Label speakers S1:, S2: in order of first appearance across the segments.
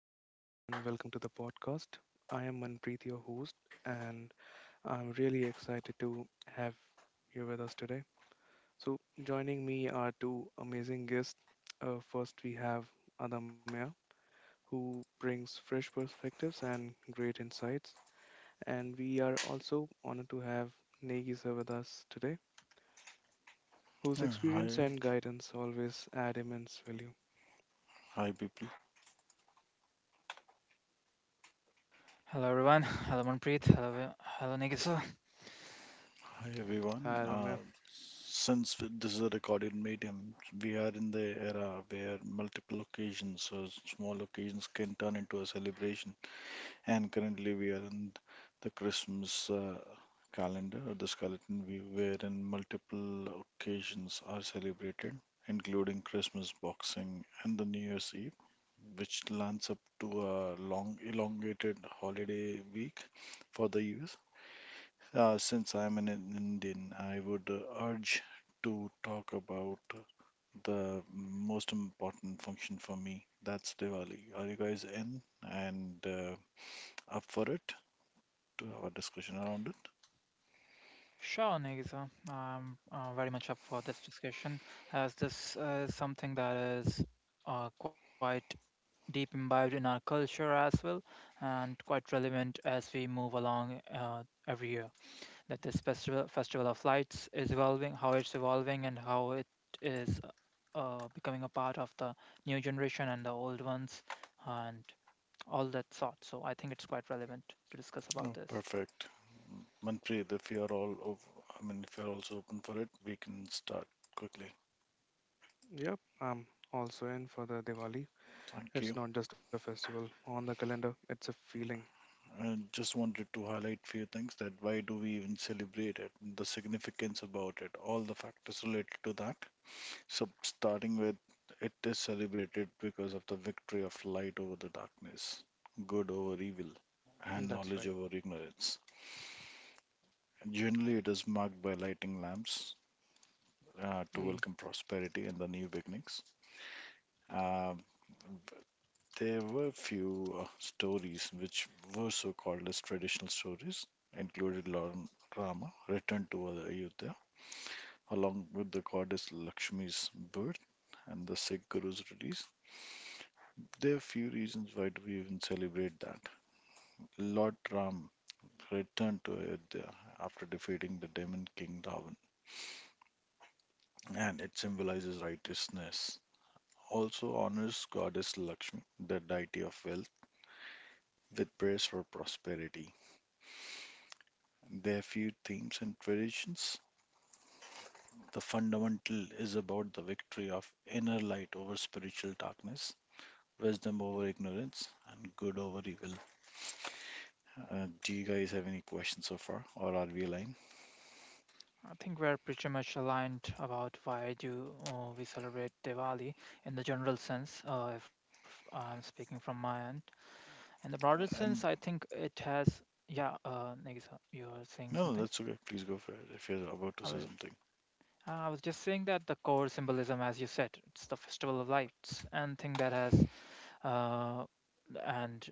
S1: everyone, and welcome to the podcast. I am Manpreet, your host, and I'm really excited to have you with us today. So, joining me are two amazing guests. First, we have Adamya, who brings fresh perspectives and great insights. And we are also honored to have Negisa with us today, whose
S2: Uh,
S1: experience
S2: Hi,
S1: and guidance always add immense value.
S2: hi people,
S3: Hello everyone. Hello Manpreet. Hello, hello Nikita.
S2: hi
S1: Hi,
S2: everyone.
S1: Adamya.
S2: Since this is a recorded medium, we are in the era where multiple occasions or small occasions can turn into a celebration. And currently, we are in the Christmas calendar or the skeleton view, wherein multiple occasions are celebrated, including Christmas, Boxing, and the New Year's Eve, which lands up to a long, elongated holiday week for the US. Since I'm an Indian, I would urge to talk about the most important function for me. That's Diwali. Are you guys in and up for it to have a discussion around it?
S3: Sure, Nikita. I'm very much up for this discussion as this is something that is quite deep imbibed in our culture as well and quite relevant as we move along every year. That this festival of lights is evolving, how it's evolving, and how it is becoming a part of the new generation and the old ones. And all that sort. So I think it's quite relevant to discuss about
S2: Oh,
S3: this.
S2: perfect. Manpreet, if you're all, ov- I mean, if you're also open for it, we can start quickly.
S1: Yep, I'm also in for the Diwali.
S2: Thank
S1: It's
S2: you.
S1: not just a festival on the calendar, it's a feeling.
S2: I just wanted to highlight few things that why do we even celebrate it, the significance about it, all the factors related to that. So, starting with, it is celebrated because of the victory of light over the darkness, good over evil, and
S1: That's
S2: knowledge
S1: right.
S2: over ignorance. Generally, it is marked by lighting lamps to
S1: Mm,
S2: welcome prosperity and the new beginnings. Um, there were few stories which were so called as traditional stories, included Lord Rama returned to Ayodhya along with the goddess Lakshmi's birth and the Sikh Guru's release. There are few reasons why do we even celebrate that. Lord Ram returned to Ayodhya after defeating the demon king Ravan, and it symbolizes righteousness. Also honors goddess Lakshmi, the deity of wealth, with prayers for prosperity. There are few themes and traditions. The fundamental is about the victory of inner light over spiritual darkness, wisdom over ignorance, and good over evil. Do you guys have any questions so far, or are we aligned?
S3: I think we're pretty much aligned about why do we celebrate Diwali in the general sense, if I'm speaking from my end. In the broader sense, I
S2: And
S3: think it has, yeah, Nagisa, you're saying
S2: no, no,
S3: something?
S2: that's okay. Please go for it if you're about to
S3: I
S2: say
S3: was,
S2: something.
S3: I was just saying that the core symbolism, as you said, it's the festival of lights and thing that has uh, and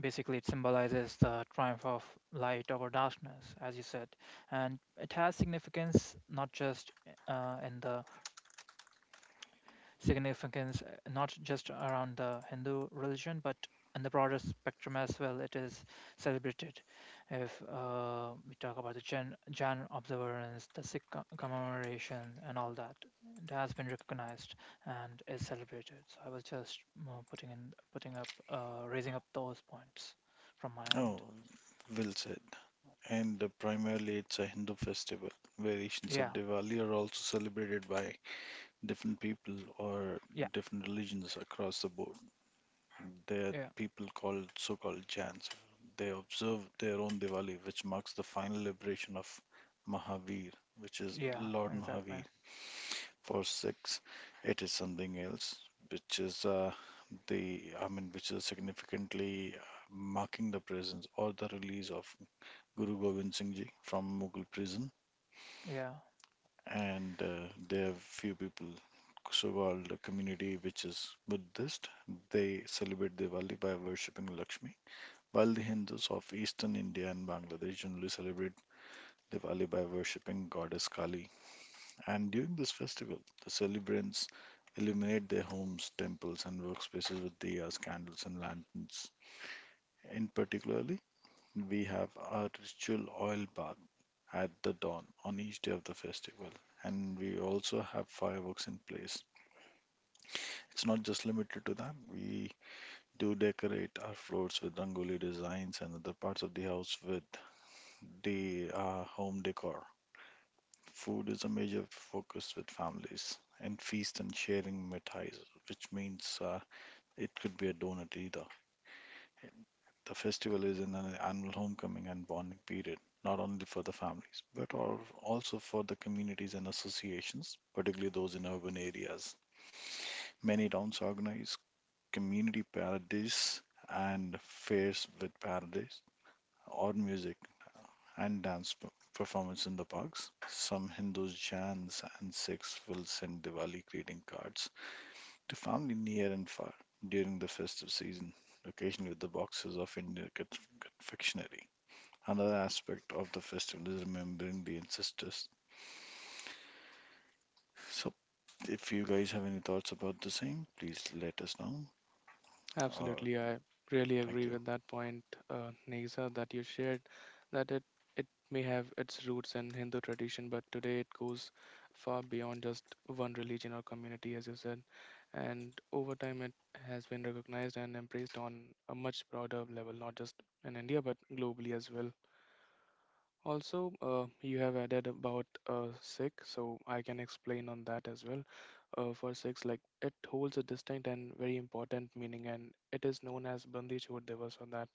S3: basically it symbolizes the triumph of light over darkness as you said, and it has significance not just in the significance not just around the Hindu religion but in the broader spectrum as well. It is celebrated. If we talk about the Jan observance, the Sikh commemoration, and all that, it has been recognized and is celebrated. So I was just putting in, putting up, raising up those points from my end.
S2: Oh, well said. And primarily, it's a Hindu festival. Variations
S3: Yeah,
S2: of Diwali are also celebrated by different people or
S3: yeah,
S2: different religions across the board.
S3: yeah,
S2: There are people called so-called Jans. They observe their own Diwali, which marks the final liberation of Mahavir, which is
S3: yeah,
S2: Lord
S3: exactly.
S2: Mahavir. For Sikhs, it is something else, which is which is significantly marking the presence or the release of Guru Gobind Singh Ji from Mughal prison,
S3: Yeah,
S2: and there are few people, so-called community which is Buddhist, they celebrate Diwali by worshipping Lakshmi, while the Hindus of Eastern India and Bangladesh generally celebrate Diwali by worshipping goddess Kali. And during this festival, the celebrants illuminate their homes, temples, and workspaces with diyas, candles, and lanterns. In particularly, we have our ritual oil bath at the dawn on each day of the festival, and we also have fireworks in place. It's not just limited to that. We do decorate our floors with rangoli designs and other parts of the house with the home decor. Food is a major focus with families, and feast and sharing mithais, which means it could be a donut either. The festival is an annual homecoming and bonding period, not only for the families, but also for the communities and associations, particularly those in urban areas. Many towns organize community parades and fairs with parades or music and dance performance in the parks. Some Hindus, Jains, and Sikhs will send Diwali greeting cards to family near and far during the festive season, occasionally with the boxes of Indian confectionery. Another aspect of the festival is remembering the ancestors. So, if you guys have any thoughts about the same, please let us know. Uh,
S1: absolutely, I really
S2: thank
S1: agree
S2: you.
S1: with that point, Nisa, that you shared. That it may have its roots in Hindu tradition, but today it goes far beyond just one religion or community, as you said. And over time, it has been recognized and embraced on a much broader level, not just in India but globally as well. Also, you have added about Sikh, so I can explain on that as well. For six, like it holds a distinct and very important meaning, and it is known as Bandi Chhod Divas on that,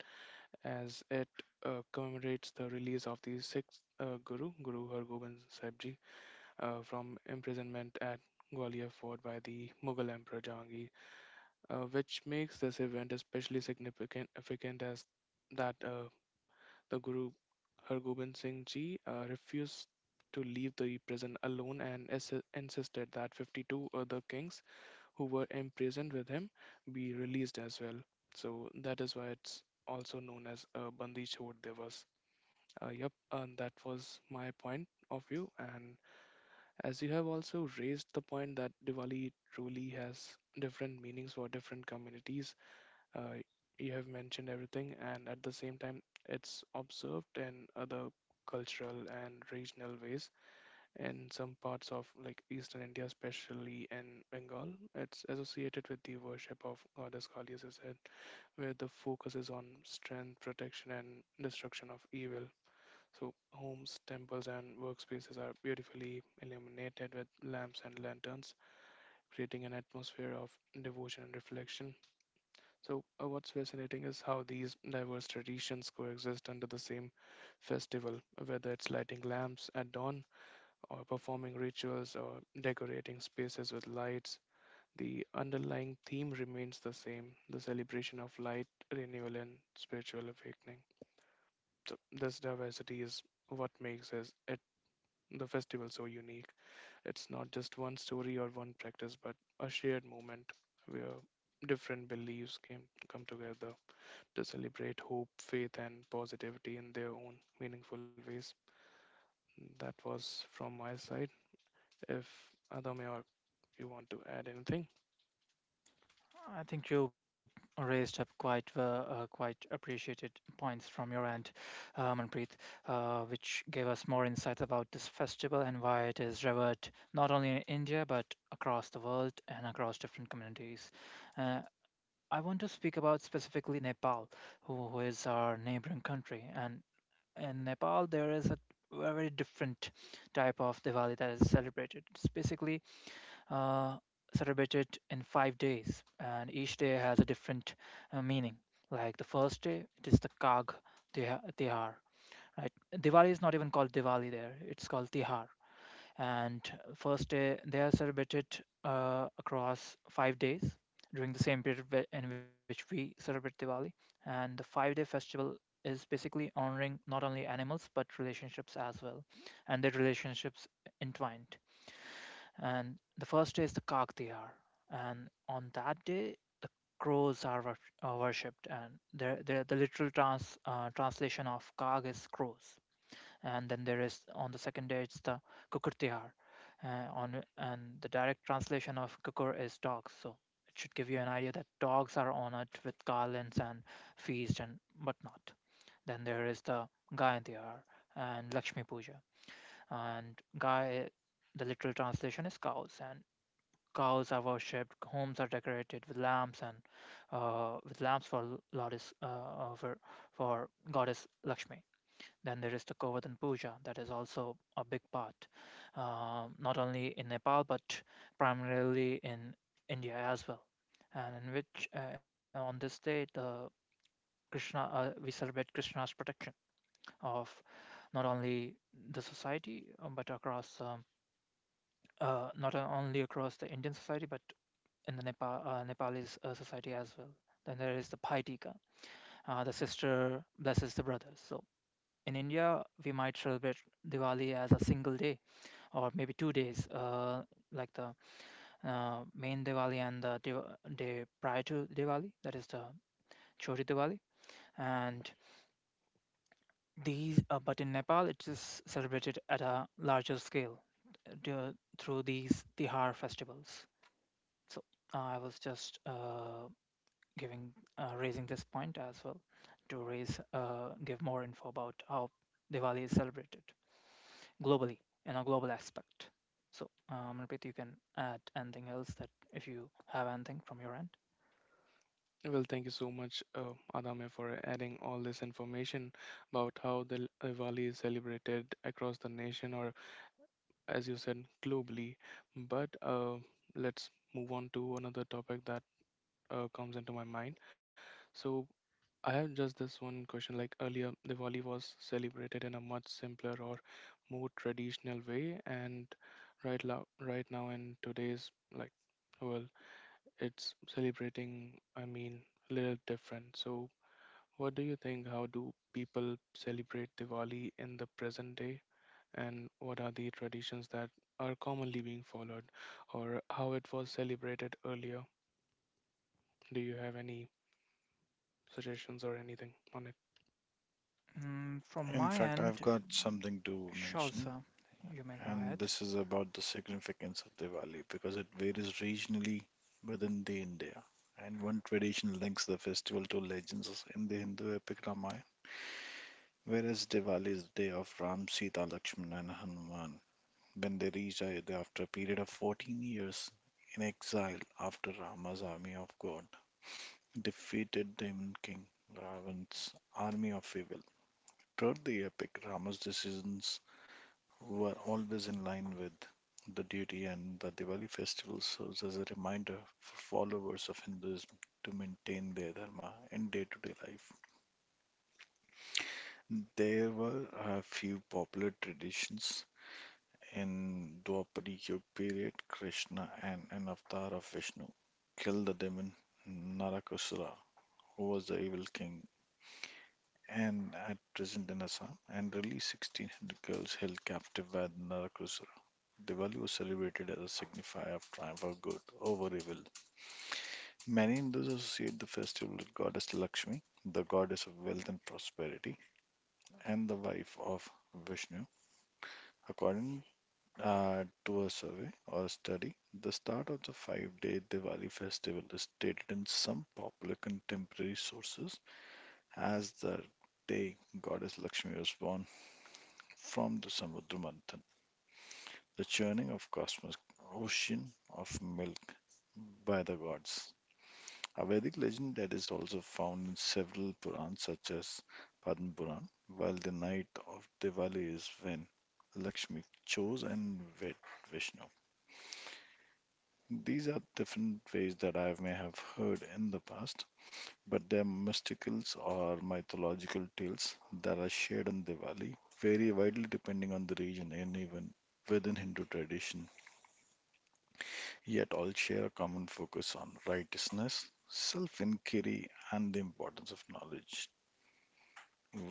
S1: as it commemorates the release of the sixth Guru, Guru Har Gobind Sahib Ji, from imprisonment at Gwalior Fort by the Mughal Emperor Jahangir, which makes this event significant as that the Guru Hargobind Singh Ji refused to leave the prison alone and insisted that 52 other kings who were imprisoned with him be released as well. So that is why it's also known as Bandi Chhod Divas. Yep, and that was my point of view. And as you have also raised the point that Diwali truly has different meanings for different communities, uh, you have mentioned everything, and at the same time, it's observed in other cultural and regional ways. In some parts of like Eastern India, especially in Bengal, it's associated with the worship of goddess Kali, as I said, where the focus is on strength, protection, and destruction of evil. So homes, temples, and workspaces are beautifully illuminated with lamps and lanterns, creating an atmosphere of devotion and reflection. So, what's fascinating is how these diverse traditions coexist under the same festival, whether it's lighting lamps at dawn, or performing rituals, or decorating spaces with lights. The underlying theme remains the same, the celebration of light, renewal, and spiritual awakening. So, this diversity is what makes the festival so unique. It's not just one story or one practice, but a shared moment where different beliefs can come together to celebrate hope, faith, and positivity in their own meaningful ways. That was from my side. If Adame or you want to add anything,
S3: I think you raised up quite quite appreciated points from your end, Manpreet, which gave us more insights about this festival and why it is revered not only in India but across the world and across different communities. Uh, I want to speak about specifically Nepal, who is our neighboring country, and in Nepal there is a very different type of Diwali that is celebrated. It's basically uh, celebrated in 5 days, and each day has a different meaning. Like the first day, it is the Kag Tihar, right? Diwali is not even called Diwali there; it's called Tihar. And first day, they are celebrated across 5 days during the same period in which we celebrate Diwali. And the five-day festival is basically honoring not only animals but relationships as well, and their relationships entwined, and the first day is the Kakhtiyar, and on that day the crows are worshipped, and the literal translation of Kag is crows, and then there is on the second day it's the Kukurtihar, uh, on and the direct translation of Kukur is dogs, so it should give you an idea that dogs are honored with garlands and feast and whatnot. Then there is the Gayantihar and Lakshmi Puja, and Gay, the literal translation is cows, and cows are worshipped, homes are decorated with lamps and with lamps for Lotus for for goddess Lakshmi. Then there is the Govardhan Puja, that is also a big part, not only in Nepal but primarily in India as well, and in which on this day the Krishna we celebrate Krishna's protection of not only the society but across not only across the Indian society but in the Nepalese society as well. Then there is the Bhai Tika. The sister blesses the brother. So in India, we might celebrate Diwali as a single day or maybe 2 days, like the main Diwali and the day prior to Diwali, that is the Chori Diwali. And but in Nepal, it is celebrated at a larger scale uh, through these Tihar festivals. So I was just giving raising this point as well to raise give more info about how Diwali is celebrated globally in a global aspect. So, Manpreet, you can add anything else that if you have anything from your end.
S1: well, thank you so much, Adame, for adding all this information about how the Diwali is celebrated across the nation, or, as you said, globally. But let's move on to another topic that comes into my mind. So, I have just this one question. Like earlier, Diwali was celebrated in a much simpler or more traditional way, and right now in today's like world, it's celebrating. I mean, a little different. So, what do you think? How do people celebrate Diwali in the present day, and what are the traditions that are commonly being followed, or how it was celebrated earlier? Do you have any suggestions or anything on it?
S3: Mm, from
S2: In
S3: my
S2: fact, I've
S3: end,
S2: got something to
S3: sure,
S2: mention,
S3: sir. You may go
S2: and
S3: ahead.
S2: this is about the significance of Diwali because it varies regionally within the India. And one tradition links the festival to legends in the Hindu epic Ramayana, whereas Diwali is the day of Ram, Sita, Lakshmana, and Hanuman, when they reached Ayodhya after a period of 14 years in exile after Rama's army of God defeated the Demon King Ravan's army of evil. Throughout the epic, Rama's decisions were always in line with the duty, and the Diwali festival serves as a reminder for followers of Hinduism to maintain their dharma in day to day life. There were a few popular traditions. In Dwapara period, Krishna and an avatar of Vishnu killed the demon Narakasura, who was the evil king and at present in Assam, and released 1600 girls held captive by the Narakasura. Diwali was celebrated as a signifier of triumph of good over evil. Many Hindus associate the festival with goddess Lakshmi, the goddess of wealth and prosperity, and the wife of Vishnu. According do a survey or study, the start of the 5 day Diwali festival is stated in some popular contemporary sources as the day goddess Lakshmi was born from the Samudra Manthan, the churning of cosmic ocean of milk by the gods. A Vedic legend that is also found in several Purans such as Padma Puran, while the night of Diwali is when Lakshmi chose and wed Vishnu. These are different ways that I may have heard in the past, but they're mysticals or mythological tales that are shared on Diwali, vary widely depending on the region and even within Hindu tradition, yet all share a common focus on righteousness, self inquiry, and the importance of knowledge.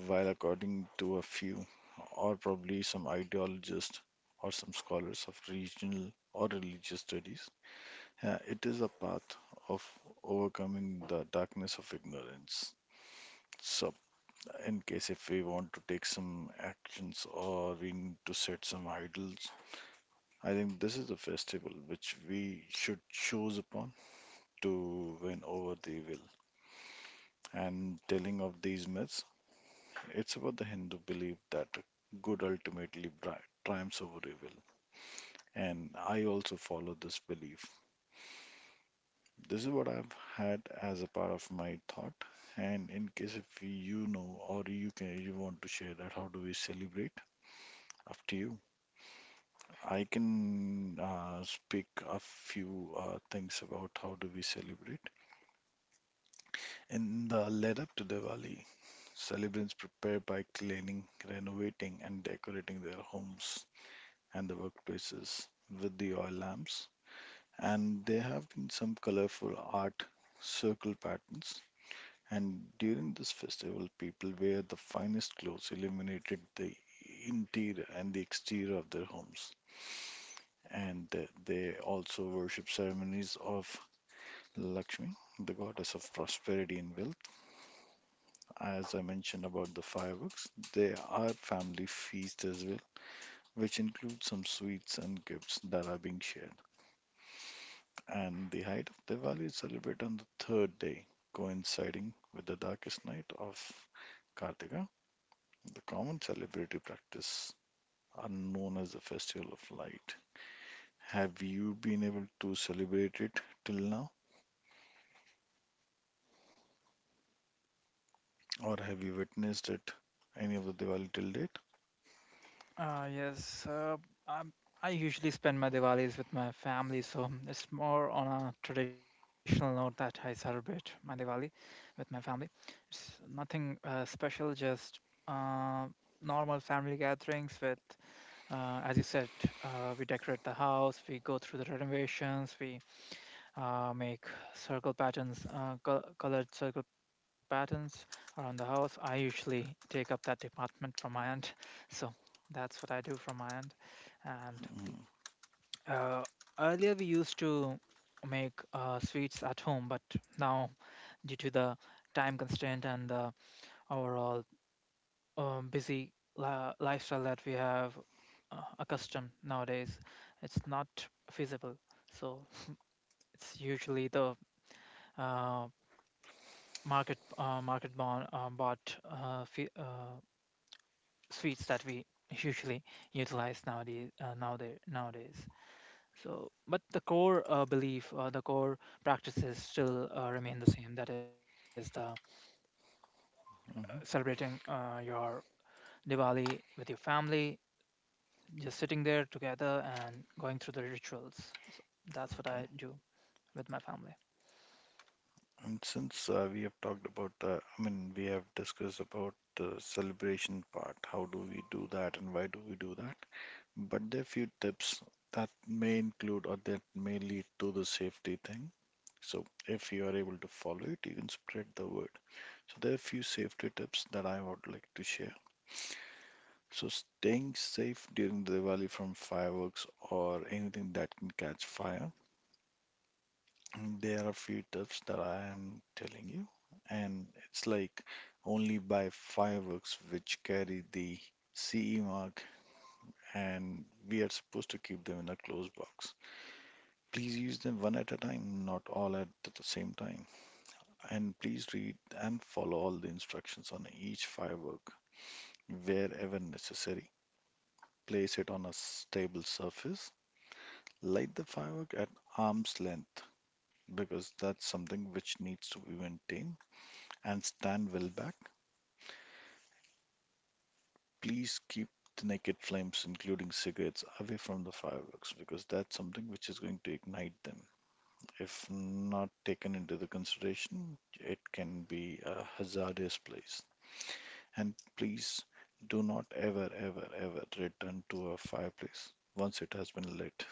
S2: While, according to a few, or probably some ideologists or some scholars of regional or religious studies, it is a path of overcoming the darkness of ignorance. So, in case if we want to take some actions or we need to set some idols, I think this is a festival which we should choose upon to win over the evil. And telling of these myths, it's about the Hindu belief that good ultimately triumphs over evil. And I also follow this belief. This is what I've had as a part of my thought. And in case if you know or you want to share that, how do we celebrate? Up to you. I can speak a few things about how do we celebrate. In the lead up to Diwali, celebrants prepare by cleaning, renovating, and decorating their homes and the workplaces with the oil lamps. And there have been some colorful art circle patterns. And during this festival, people wear the finest clothes, illuminated the interior and the exterior of their homes. And they also worship ceremonies of Lakshmi, the goddess of prosperity and wealth. As I mentioned about the fireworks, there are family feasts as well, which include some sweets and gifts that are being shared. And the height of Diwali is celebrated on the third day, coinciding with the darkest night of Kartika. The common celebratory practice are known as the Festival of Light. Have you been able to celebrate it till now, or have you witnessed it any of the Diwali till date?
S3: Yes, um, I usually spend my Diwalis with my family, so it's more on a traditional note that I celebrate my Diwali with my family. It's nothing special, just uh, normal family gatherings with, as you said, we decorate the house, we go through the renovations, we make circle patterns, colored circle patterns around the house. I usually take up that department from my aunt, so that's what I do from my aunt. And
S2: Mm-hmm.
S3: uh, earlier we used to make sweets at home, but now due to the time constraint and the overall busy lifestyle that we have accustomed nowadays, it's not feasible. So it's usually the uh, market bond bought fe sweets that we usually utilize nowadays, so but the core belief, the core practices still remain the same, that is the
S2: Mm-hmm.
S3: celebrating your Diwali with your family, just sitting there together and going through the rituals, so that's what
S2: Okay.
S3: I do with my family.
S2: And since we have discussed about the celebration part, how do we do that and why do we do that? But there are few tips that may include or that may lead to the safety thing. So if you are able to follow it, you can spread the word. So there are a few safety tips that I would like to share. So staying safe during the Diwali from fireworks or anything that can catch fire. And there are a few tips that I am telling you, and it's like only buy fireworks which carry the CE mark, and we are supposed to keep them in a closed box. Please use them one at a time, not all at the same time. And please read and follow all the instructions on each firework wherever necessary. Place it on a stable surface, light the firework at arm's length because that's something which needs to be maintained, and stand well back. Please keep the naked flames, including cigarettes, away from the fireworks because that's something which is going to ignite them. If not taken into the consideration, it can be a hazardous place. And please do not ever, ever, ever return to a fireplace once it has been lit.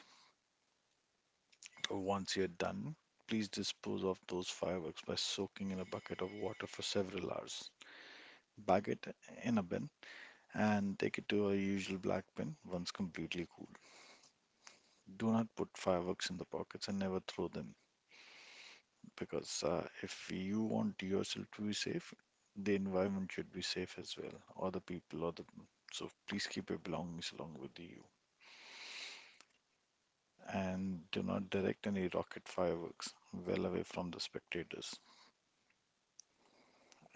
S2: Once you're done, please dispose of those fireworks by soaking in a bucket of water for several hours. Bag it in a bin and take it to a usual black bin once completely cool. Do not put fireworks in the pockets and never throw them because if you want yourself to be safe, the environment should be safe as well, or the people, or the so please keep your belongings along with you and do not direct any rocket fireworks well away from the spectators.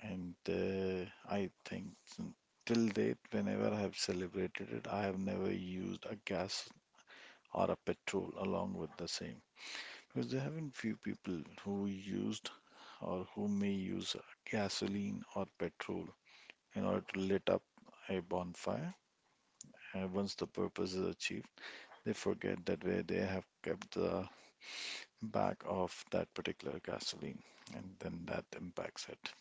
S2: And I think till date, whenever I have celebrated it, I have never used a gas or a petrol along with the same. Because there have been few people who used or who may use gasoline or petrol in order to lit up a bonfire. And once the purpose is achieved, they forget that where they have kept the back of that particular gasoline, and then that impacts it.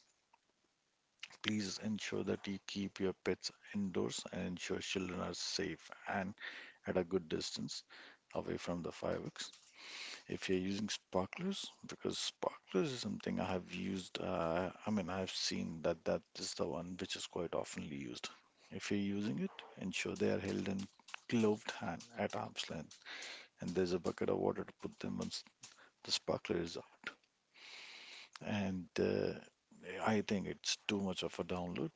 S2: Please ensure that you keep your pets indoors and ensure children are safe and at a good distance away from the fireworks. If you're using sparklers, because sparklers is something I have used, I mean, I've seen that that is the one which is quite oftenly used. If you're using it, ensure they are held in gloved hand at arm's length, and there's a bucket of water to put them once the sparkler is out and I think it's too much of a download.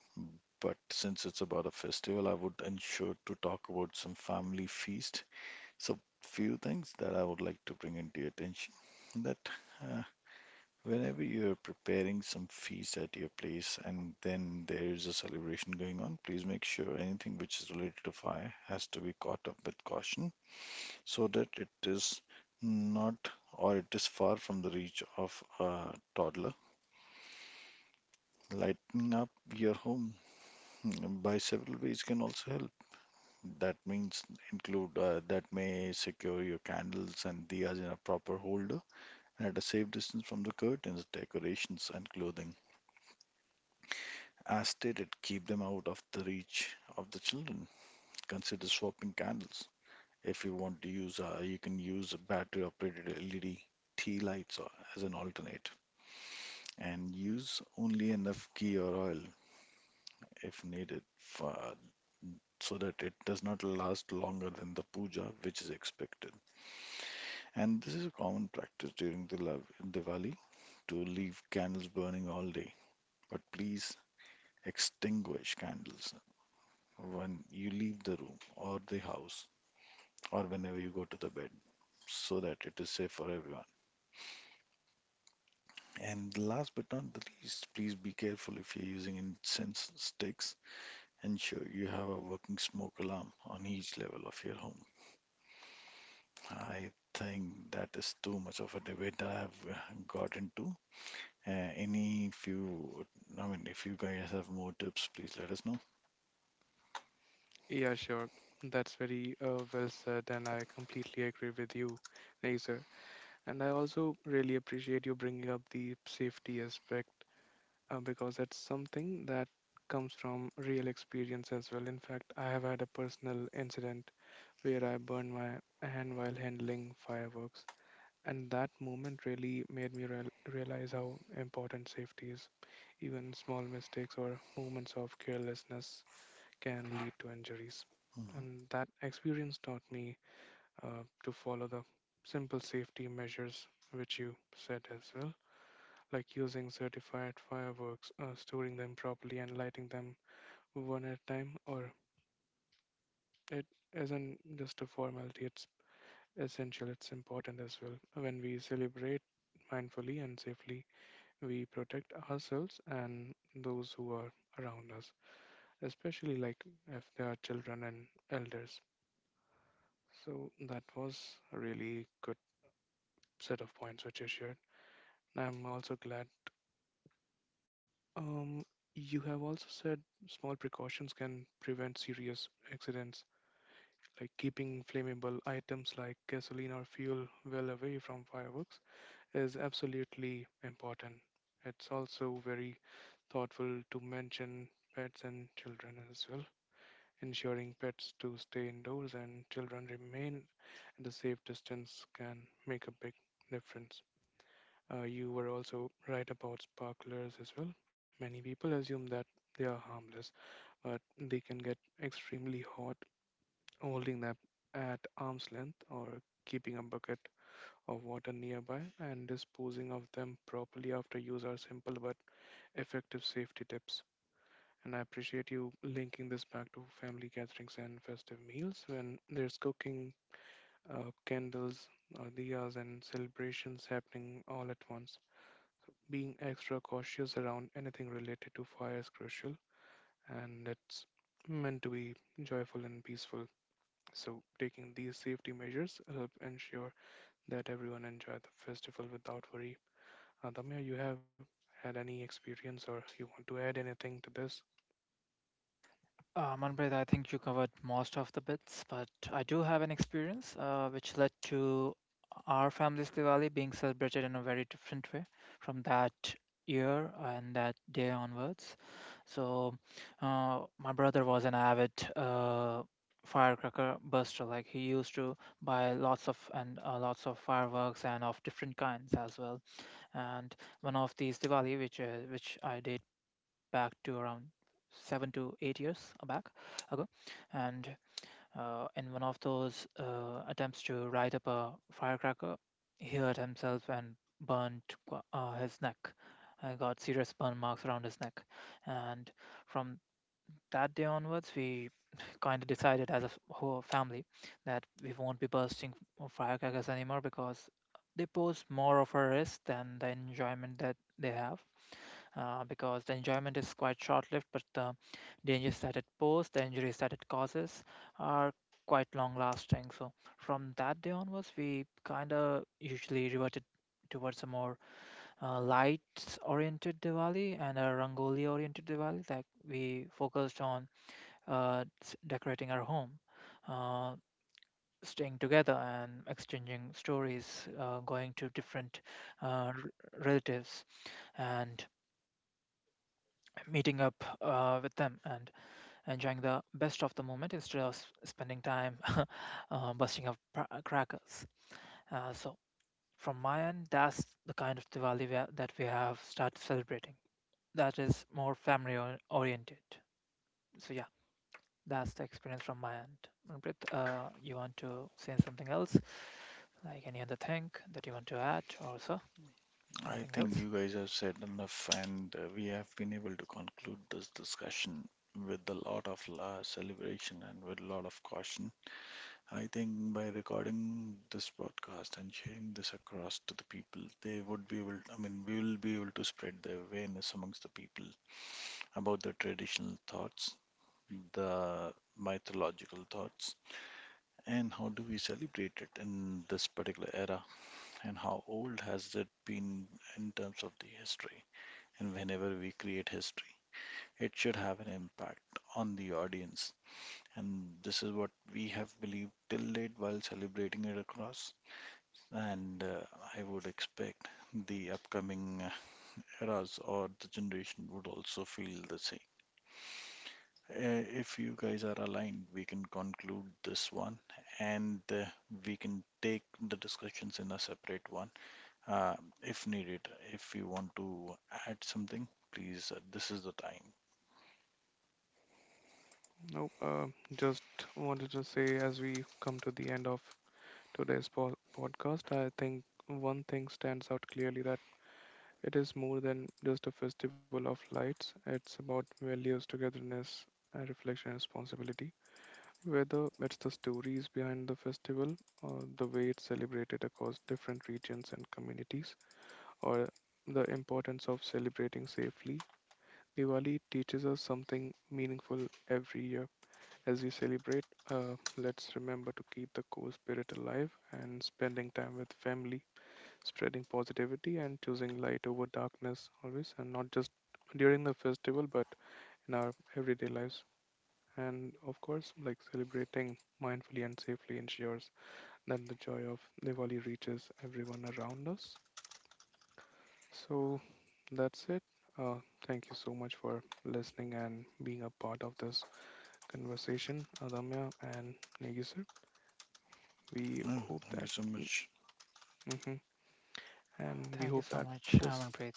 S2: But since it's about a festival, I would ensure to talk about some family feast. So, few things that I would like to bring into your attention that uh, whenever you're preparing some feast at your place and then there's a celebration going on, please make sure anything which is related to fire has to be caught up with caution so that it is not or it is far from the reach of a toddler. Lighten up your home by several ways can also help. That means include that may secure your candles and diyas in a proper holder and at a safe distance from the curtains, decorations, and clothing. As stated, keep them out of the reach of the children. Consider swapping candles. If you want to use, you can use battery-operated LED tea lights as an alternate, and use only enough ghee or oil if needed for so that it does not last longer than the puja which is expected. And this is a common practice during the Diwali to leave candles burning all day. But please extinguish candles when you leave the room or the house or whenever you go to the bed so that it is safe for everyone. And last but not the least, please be careful if you're using incense sticks. Ensure you have a working smoke alarm on each level of your home. I think that is too much of a debate I have got into. Any few, I mean, if you guys have more tips, please let us know.
S1: Yeah, sure. That's very well said, and I completely agree with you, Nazer. And I also really appreciate you bringing up the safety aspect because that's something that comes from real experience as well. In fact, I have had a personal incident where I burned my hand while handling fireworks, and that moment really made me realize how important safety is. Even small mistakes or moments of carelessness can lead to injuries.
S2: Mhm.
S1: And that experience taught me to follow the simple safety measures which you said as well, like using certified fireworks, storing them properly, and lighting them one at a time. Or it isn't just a formality, it's essential, it's important as well. When we celebrate mindfully and safely, we protect ourselves and those who are around us, especially like if they are children and elders. So that was a really good set of points which you shared. I'm also glad. Um, you have also said small precautions can prevent serious accidents, like keeping flammable items like gasoline or fuel well away from fireworks is absolutely important. It's also very thoughtful to mention pets and children as well, ensuring pets to stay indoors and children remain at a safe distance can make a big difference. You were also right about sparklers as well. Many people assume that they are harmless, but they can get extremely hot, holding them at arm's length or keeping a bucket of water nearby and disposing of them properly after use are simple but effective safety tips. And I appreciate you linking this back to family gatherings and festive meals when there's cooking, candles, diyas, and celebrations happening all at once, being extra cautious around anything related to fire is crucial, and it's meant to be joyful and peaceful. So, taking these safety measures help ensure that everyone enjoy the festival without worry. Damya, you have had any experience or you want to add anything to this?
S3: Manpreet, I think you covered most of the bits, but I do have an experience which led to our family's Diwali being celebrated in a very different way from that year and that day onwards. So, my brother was an avid firecracker buster. Like he used to buy lots of and lots of fireworks and of different kinds as well, and one of these Diwali, which I date back to around 7 to 8 years back ago, and in one of those attempts to light up a firecracker, he hurt himself and burnt his neck. I got serious burn marks around his neck, and from that day onwards, we kind of decided as a whole family that we won't be bursting firecrackers anymore because they pose more of a risk than the enjoyment that they have. Because the enjoyment is quite short-lived, but the dangers that it poses, the injuries that it causes, are quite long-lasting. So from that day onwards, we kind of usually reverted towards a more lights oriented Diwali and a Rangoli oriented Diwali. Like we focused on decorating our home, uh, staying together and exchanging stories, going to different uh, r- relatives and meeting up with them and enjoying the best of the moment instead of spending time busting up crackers. So, from my end, that's the kind of Diwali that we have started celebrating. That is more family oriented. So, yeah. That's the experience from my end. Manpreet, you want to say something else, like any other thing that you want to add, or so
S2: I
S3: anything
S2: think
S3: else?
S2: you guys have said enough, and we have been able to conclude this discussion with a lot of celebration and with a lot of caution. I think by recording this podcast and sharing this across to the people, they would be able, I mean, we will be able to spread the awareness amongst the people about the traditional thoughts, the mythological thoughts, and how do we celebrate it in this particular era, and how old has it been in terms of the history. And whenever we create history, it should have an impact on the audience. And this is what we have believed till date while celebrating it across. And I would expect the upcoming eras or the generation would also feel the same. If you guys are aligned, we can conclude this one and we can take the discussions in a separate one uh, if needed. If you want to add something, please, this is the time.
S1: No, just wanted to say as we come to the end of today's podcast, I think one thing stands out clearly that it is more than just a festival of lights, it's about values, togetherness, and reflection responsibility. Whether it's the stories behind the festival, or the way it's celebrated across different regions and communities, or the importance of celebrating safely, Diwali teaches us something meaningful every year. As we celebrate, let's remember to keep the core spirit alive and spending time with family, spreading positivity and choosing light over darkness always, and not just during the festival, but in our everyday lives. And of course, like celebrating mindfully and safely ensures that the joy of Diwali reaches everyone around us. So that's it. Uh, Thank you so much for listening and being a part of this conversation, Adamya and Negi sir. We hope
S2: Thank you
S1: that,
S2: so much.
S1: hmm, and we
S3: Thank you
S1: hope
S3: so
S1: that
S3: much,
S1: this,
S3: Manpreet,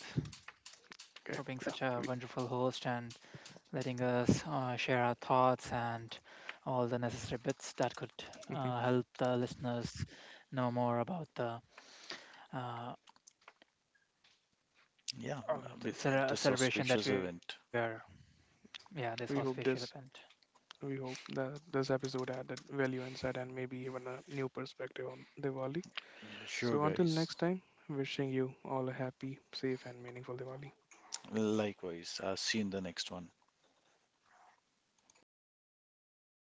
S3: for
S1: okay,
S3: being
S1: yeah,
S3: such a
S1: we,
S3: wonderful host and letting us share our thoughts and all the necessary bits that could
S1: mhm,
S3: help the listeners know more about uh,
S2: Yeah,
S3: the
S2: this
S3: celebration that
S2: auspicious
S3: we are,
S2: event.
S3: yeah, this auspicious
S1: we hope
S3: event.
S1: this we hope that this episode added value, insight, and maybe even a new perspective on Diwali.
S2: Yeah, sure,
S1: So, until
S2: guys.
S1: next time, wishing you all a happy, safe, and meaningful Diwali.
S2: Likewise, I'll see you in the next one.
S3: Yes, see you